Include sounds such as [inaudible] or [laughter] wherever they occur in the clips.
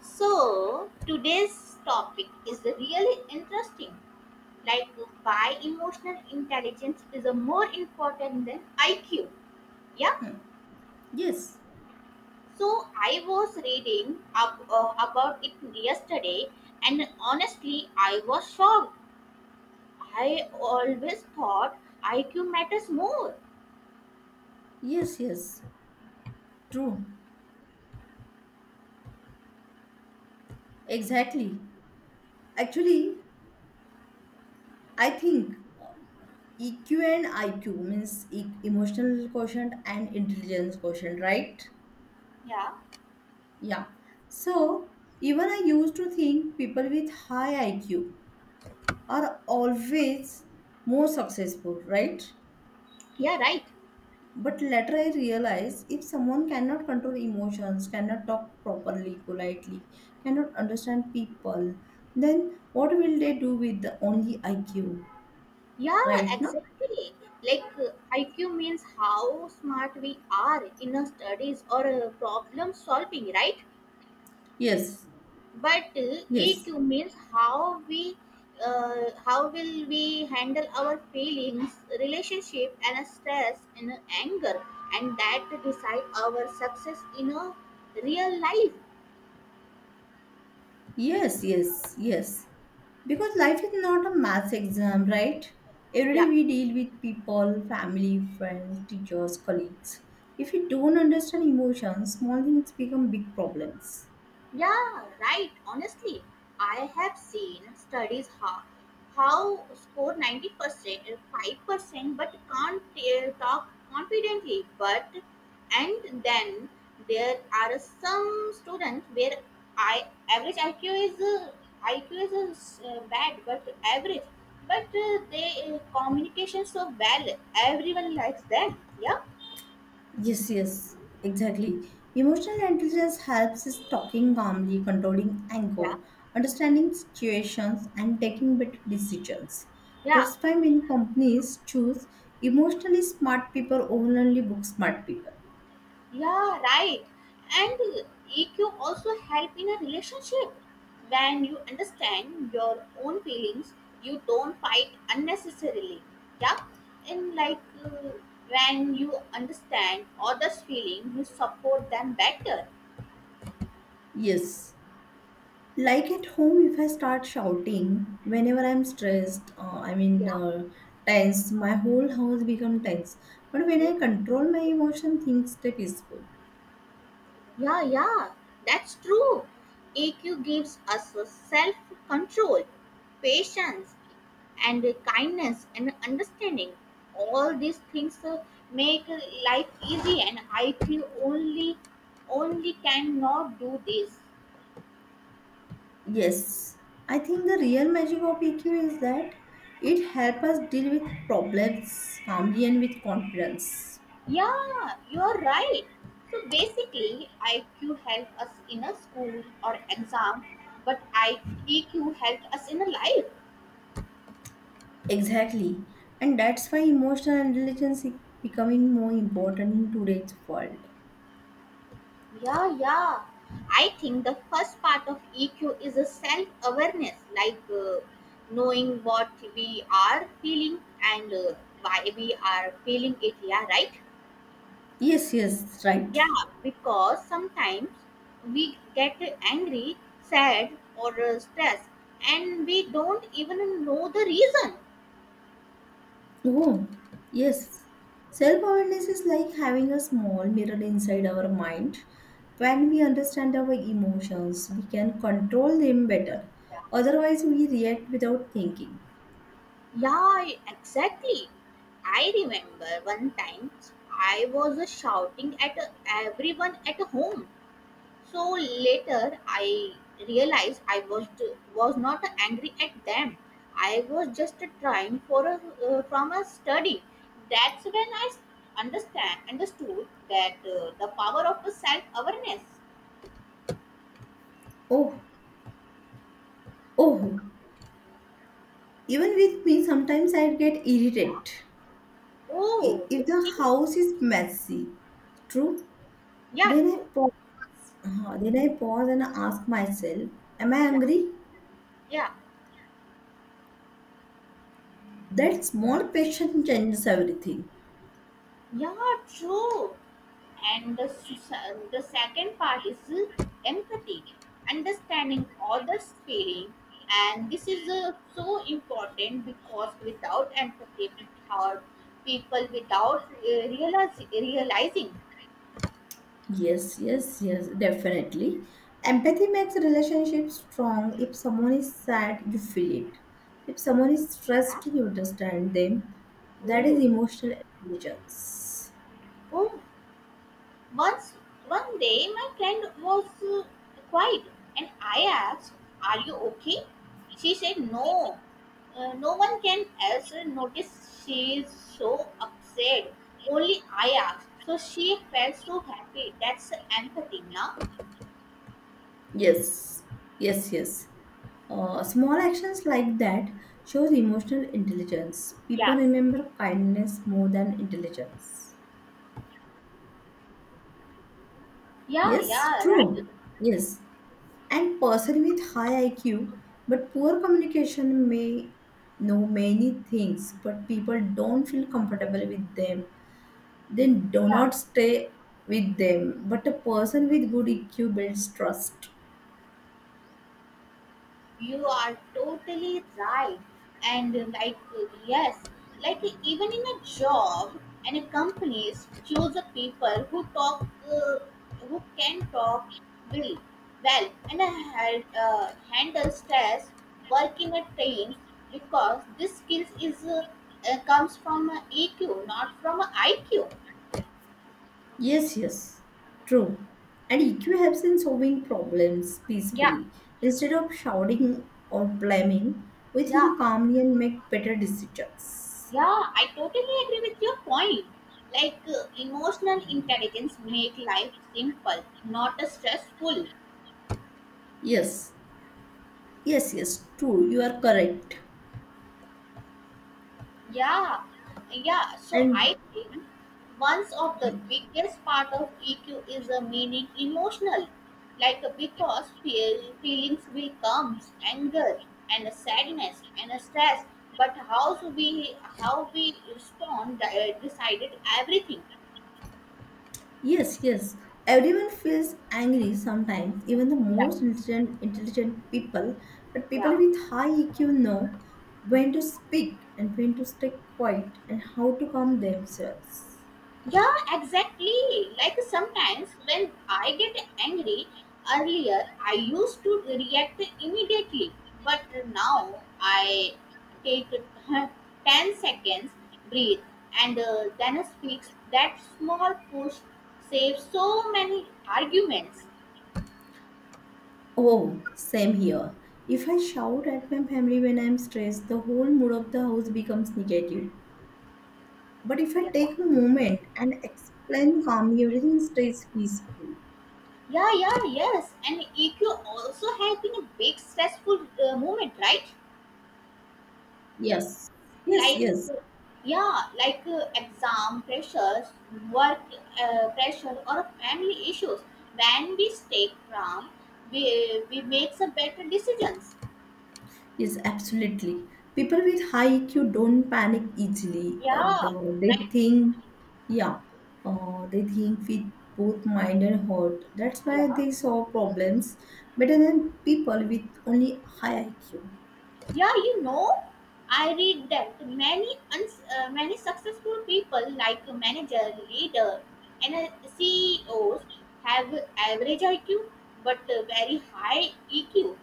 So, today's topic is really interesting. Like, why emotional intelligence is a more important than IQ. Yeah. Hmm. Yes, So, I was reading up, about it yesterday, and honestly, I was shocked. I always thought IQ matters more. yes, yes. True. Exactly. Actually, I think EQ and IQ means emotional quotient and intelligence quotient, right? Yeah. Yeah. So, even I used to think people with high IQ are always more successful, right? Yeah, right. But later I realized if someone cannot control emotions, cannot talk properly, politely, cannot understand people, then what will they do with the only IQ? Yeah, Right now? exactly. Like uh, IQ means how smart we are in our studies or problem solving, right? Yes, But yes, EQ means how will we handle our feelings, relationship, and stress and anger, and that decide our success in a real life. yes, yes, yes. Because life is not a math exam, right? Every day Yeah. we deal with people, family, friends, teachers, colleagues. If we don't understand emotions, small things become big problems. Yeah, right. Honestly, I have seen studies how score 90%, 5%, but can't talk confidently. But and then there are some students where I average IQ is uh, IQ is uh, bad, but average. But they communication so well. Everyone likes them. Yeah, Yes, yes, exactly. Emotional intelligence helps is talking calmly, controlling yeah, anger, understanding situations, and taking better decisions. yeah. That's why many companies choose emotionally smart people over only book smart people. Yeah, right. And EQ also help in a relationship. When you understand your own feelings, you don't fight unnecessarily. Yeah, and uh, when you understand others' feeling, you support them better. Yes. Like at home, if I start shouting whenever I'm stressed, I mean Yeah, tense, my whole house become tense. But when I control my emotion, things stay peaceful. yeah, yeah. That's true. EQ gives us self control, patience, and kindness and understanding all these things make life easy and I feel only only cannot do this. Yes, I think the real magic of EQ is that it helps us deal with problems calmly and with confidence. Yeah, you're right. So basically IQ help us in a school or exam, but IQ help us in a life. Exactly, and that's why emotional intelligence is becoming more important in today's world. Yeah, yeah. I think the first part of EQ is a self awareness, knowing what we are feeling and why we are feeling it. Yeah, right? Yes, yes, right. Yeah, because sometimes we get angry, sad, or stressed, and we don't even know the reason. Oh, yes. Self awareness is like having a small mirror inside our mind. When we understand our emotions, we can control them better. Otherwise, we react without thinking. Yeah, exactly. I remember one time I was shouting at everyone at home. So later I realized I was not angry at them. I was just trying for a, from a study. That's when understand understood that the power of self awareness. Oh, oh, even with me, sometimes I get irritated. Oh, If the okay. house is messy, true, Yeah, then true. I pause. Then I pause and ask myself, am I Yeah, angry? yeah. That small question changes everything. Yeah, true. And the second part is empathy, understanding others' feeling, and this is so important because without empathy, we have people without realizing. Yes, yes, yes, definitely. Empathy makes relationships strong. If someone is sad, you feel it. If someone is Huh? stressed, you understand them. That is Oh, emotional intelligence. oh. Once, one day, my friend was quiet, and I asked, "Are you okay?" She said, "No, no one can else notice she is so upset. Only I asked." So she felt so happy. That's empathy, now. Yes, yes, yes. Small actions like that shows emotional intelligence. People Yes. remember kindness more than intelligence. Yeah, Yes, yeah, right. true. Yes, and person with high IQ but poor communication may know many things, but people don't feel comfortable with them. They do not Yeah. stay with them. But a person with good EQ builds trust. You are totally right. And like, yes, like even in a job and a companies choose the people who can talk really well and handle stress, work in a team because this skills is comes from EQ, not from IQ. Yes, yes, true. And EQ helps in solving problems Yeah, peacefully. Instead of shouting or blaming, we yeah, think calmly and make better decisions. yeah, I totally agree with your point. Emotional intelligence make life simple, not stressful. Yes, yes, yes, true. You are correct. Yeah, yeah. So And I think one of the biggest part of EQ is a meaning emotional, because feelings will come, anger and a sadness and a stress. But how we respond decided everything. yes, yes, everyone feels angry sometimes, even the Yeah, most intelligent people. But people yeah. with high EQ know when to speak and when to stay quiet and how to calm themselves. Yeah, exactly. Like sometimes when I get angry, earlier I used to react immediately, but now I take [laughs] 10 seconds, breathe, and then speak. That small push saves so many arguments. Oh, same here. If I shout at my family when I'm stressed, the whole mood of the house becomes negative. But if I Yeah, take a moment and explain calmly, everything stays peaceful. yeah, yeah, yes. And EQ also help in a big stressful moment, right? Yes, yes, like yes, uh, yeah like exam pressures, work pressure or family issues. When we stay calm, we make some better decisions. yes, absolutely. People with high EQ don't panic easily. Yeah, They right. think, yeah, they think with both mind and heart. That's why Yeah. they solve problems better than people with only high IQ. Yeah, you know, I read that many successful people like a manager, leader, and CEOs have average IQ but a very high EQ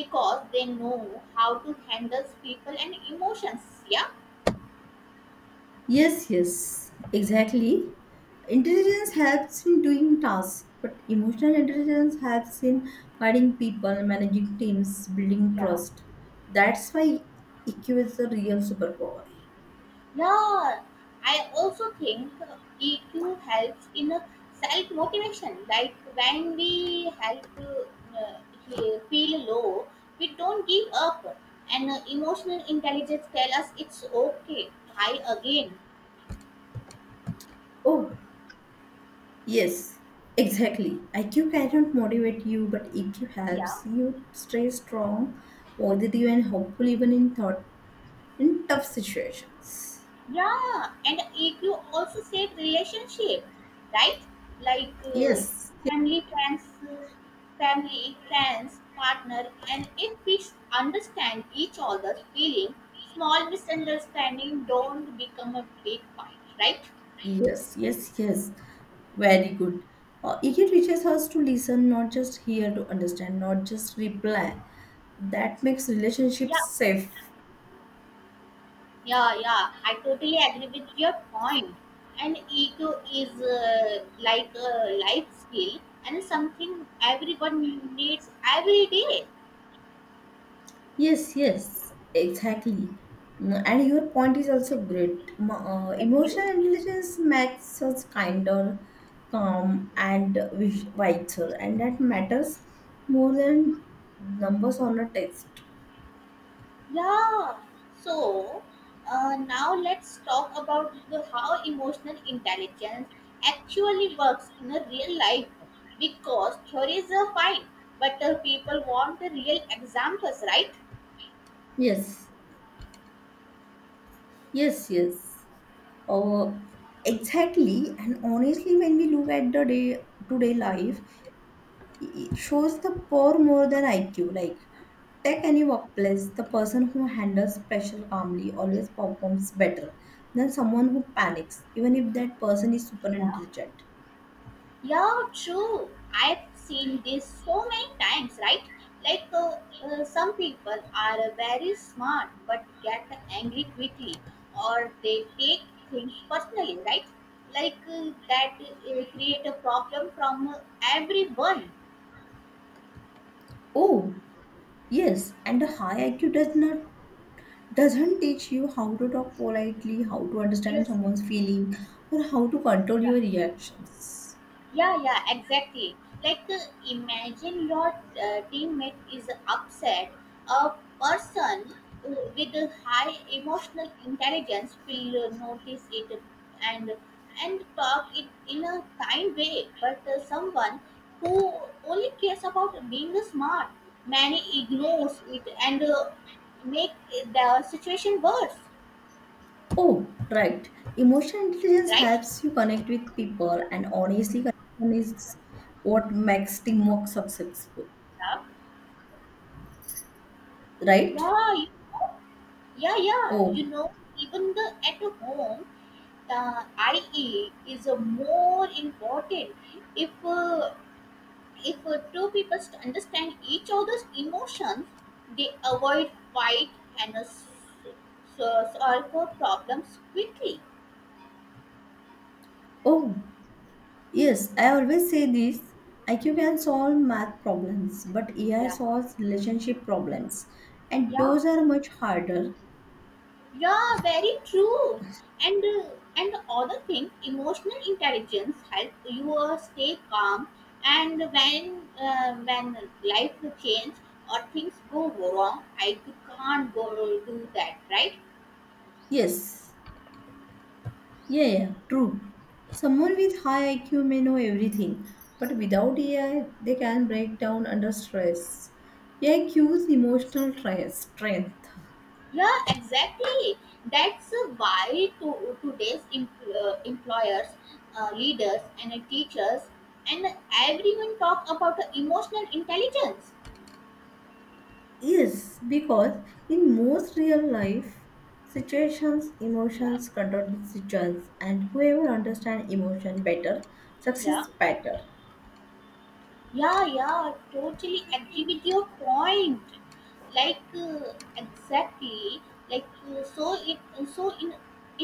because they know how to handle people and emotions. Yeah, Yes, yes, exactly. Intelligence helps in doing tasks, but emotional intelligence helps in guiding people, managing teams, building yeah. trust. That's why IQ is the real superpower. Yeah, I also think EQ helps in self motivation. Like when we help uh, feel low, we don't give up, and emotional intelligence tell us it's okay, try again. Oh, yes, exactly. IQ cannot motivate you, but EQ Yeah. helps you stay strong, positive, and hopeful even in tough situations. Yeah, and EQ also save relationship, right? Like Yes. family, friends, uh, family, friends, partner, and if we understand each other's feeling, small misunderstanding don't become a big fight, right? Yes, yes, yes. Very good. It teaches us to listen, not just hear to understand, not just reply. That makes relationships Yeah, safe. yeah, yeah, I totally agree with your point. And EQ is like a life skill and something everyone needs every day. Yes, yes, exactly. And your point is also great. M- Uh, Thank you. emotional intelligence makes us kinder, calm, and wiser, and that matters more than numbers on a test. Yeah. So now let's talk about how emotional intelligence actually works in a real life. Because theories are fine, but people want the real examples, right? Yes, yes, yes. Oh, exactly. And honestly, when we look at the day today life, it shows the poor more than IQ. Like take any workplace, the person who handles pressure calmly always performs better than someone who panics, even if that person is super Yeah. intelligent. Yeah, true. I've seen this so many times, right? Like uh, some people are very smart but get angry quickly, or they take things personally, right? That create a problem from everyone. Oh, yes, and a high IQ doesn't teach you how to talk politely, how to You understand someone's feeling, or how to control know. your reactions. Yeah, yeah, exactly. Like uh, imagine your teammate is upset. A person with a high emotional intelligence will notice it and and talk it in a kind way. But someone who only cares about being smart, many ignores it and make the situation worse. Oh, right. Emotional intelligence Right? helps you connect with people, and honestly, connection is what makes teamwork successful, Yeah. right? Yeah, you know, yeah, yeah. Oh, You know, even the at home, the IE is a more important. If uh, if two people understand each other's emotions, they avoid fight and s- solve problems quickly. oh, yes. I always say this. IQ can solve math problems, but AI Yeah. solves relationship problems, and Yeah. those are much harder. Yeah, very true. And uh, and the other thing, emotional intelligence helps you stay calm. And when life change or things go wrong, I can't go do that, right? Yes. Yeah, yeah, true. Someone with high IQ may know everything, but without AI, they can break down under stress. AI cues emotional strength. Yeah, exactly. That's why today's employers, leaders, and teachers, and everyone talk about emotional intelligence. Yes, because in most real life situations, Yeah, emotions control decisions, and whoever understands emotion better yeah. succeeds better. Yeah, yeah, totally agree with your point. Like uh, exactly, like uh, so it so in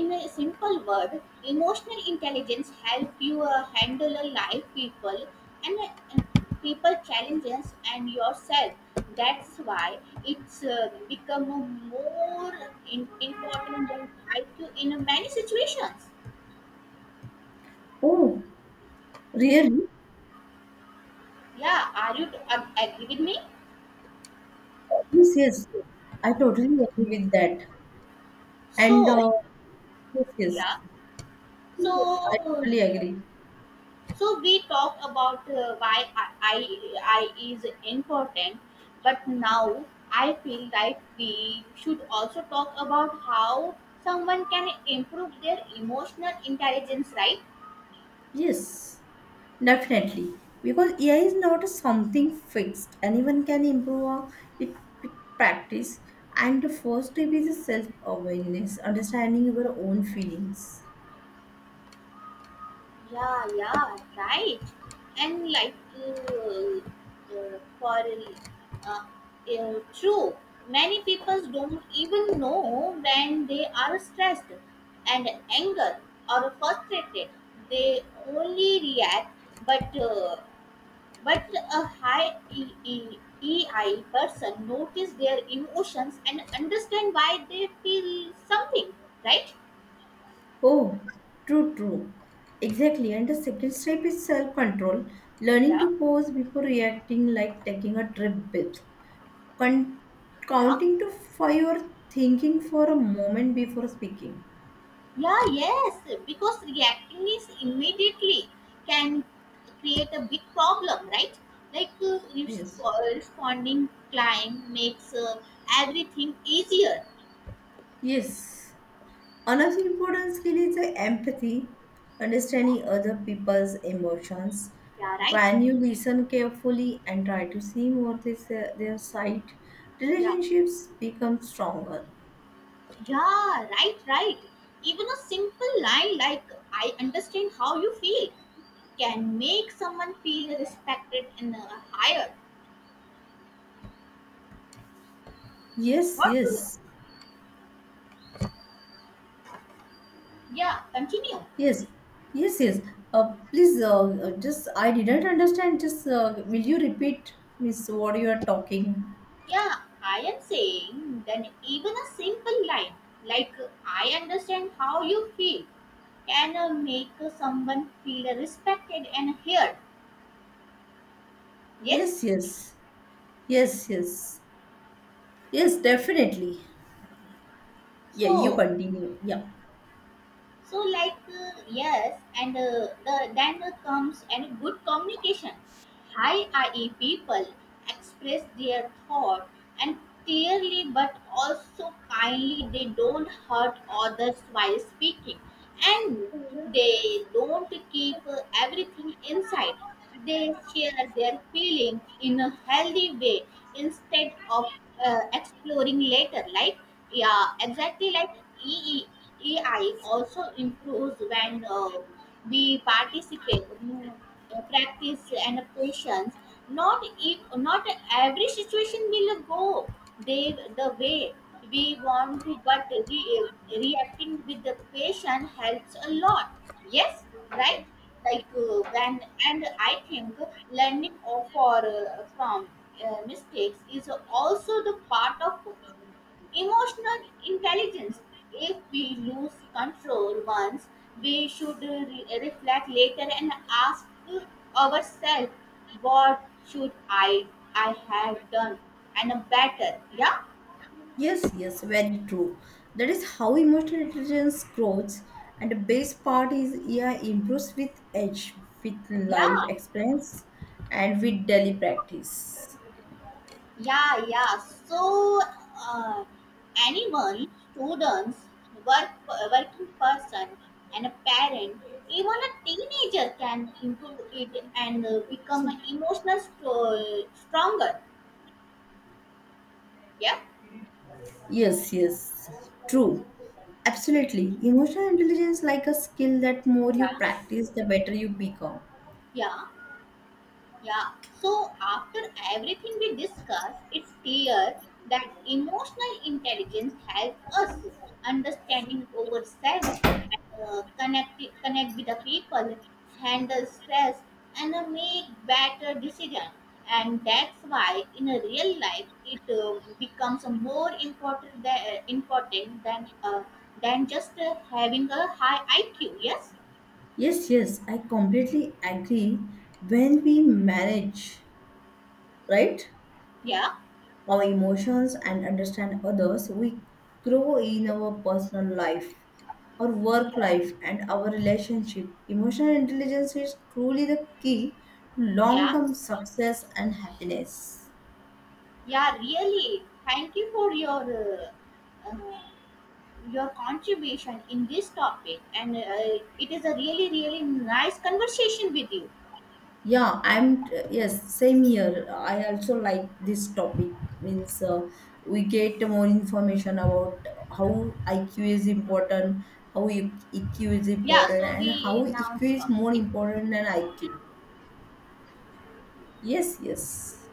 in a simple word, emotional intelligence help you handle a life, people, and people challenges and yourself. That's why it's become a more important than IQ in many situations. Oh, really? Yeah, are you agree with me? Yes, yes, yes. I totally agree with that. And So Yes, yes, yeah. yes, So, yes, I totally uh, agree. So we talk about why I, I is important, but now I feel like we should also talk about how someone can improve their emotional intelligence, right? Yes, definitely. Because AI is not something fixed. Anyone can improve on it with practice. And the first step is self awareness, understanding your own feelings. Yeah, yeah, right. And like for true, many people don't even know when they are stressed and angry or frustrated. They only react, but a high EI person notice their emotions and understand why they feel something, right? Oh, true, true. Exactly. And the second step is self control, learning Yeah, to pause before reacting, like taking a deep breath, con- yeah. counting to five or thinking for a moment before speaking. Yeah, yes, because reacting is immediately can create a big problem, right? Yes. Responding climb makes everything easier. Yes. Another important skill is the empathy, Yeah, understanding other people's emotions. yeah, right. When you listen carefully and try to see more their side, Yeah, relationships become stronger. yeah, right, right. Even a simple line like "I understand how you feel" can make someone feel respected and hired. Yes, What? To- yes, Yeah, continue. yes, yes, yes. Please, just I didn't understand. Just will you repeat, Miss, what you are talking? Yeah, I am saying then even a simple line like I understand how you feel can make someone feel respected and heard. Yes. Yes, yes, yes, yes, yes, definitely. Yeah, you So continue. Yeah. Yes and then comes and good communication. High IE people express their thought and clearly but also kindly. They don't hurt others while speaking and they don't keep everything inside. They share their feelings in a healthy way instead of exploring later. Like, yeah, exactly like EE also improves when. We participate practice and patience, not if not every situation will go they the way we want to but reacting with the patient helps a lot. Yes, right. like when and I think learning of- for from mistakes is also the part of emotional intelligence. If we lose control once, we should reflect later and ask ourselves, what should I have done and better? Yeah, Yes, yes, very true. That is how emotional intelligence grows, and the best part is, yeah, improves with age, with life yeah, experience, and with daily practice. yeah, yeah. So, uh, anyone, students, work working person, and a parent, even a teenager can improve it and become So, emotional stronger. Yeah. yes, yes, true. Absolutely. Emotional intelligence like a skill that more you Yeah, practice, the better you become. yeah, yeah. So, after everything we discussed, it's clear that emotional intelligence helps us understanding ourselves, connect with the people, handle stress, and make better decisions. And that's why in a real life it becomes more important than just having a high IQ. Yes. Yes, yes, I completely agree. When we manage, right, Yeah. our emotions and understand others, we grow in our personal life, our work Yeah. life, and our relationship. Emotional intelligence is truly the key to long Yeah. term success and happiness. Yeah, really. Thank you for your contribution in this topic, and it is a really really nice conversation with you. Yeah, I'm yes, same here. I also like this topic. Means we get more information about how IQ is important, how EQ is Yeah, important, so and we how now EQ is stop. more Okay. important than IQ. Yes, yes.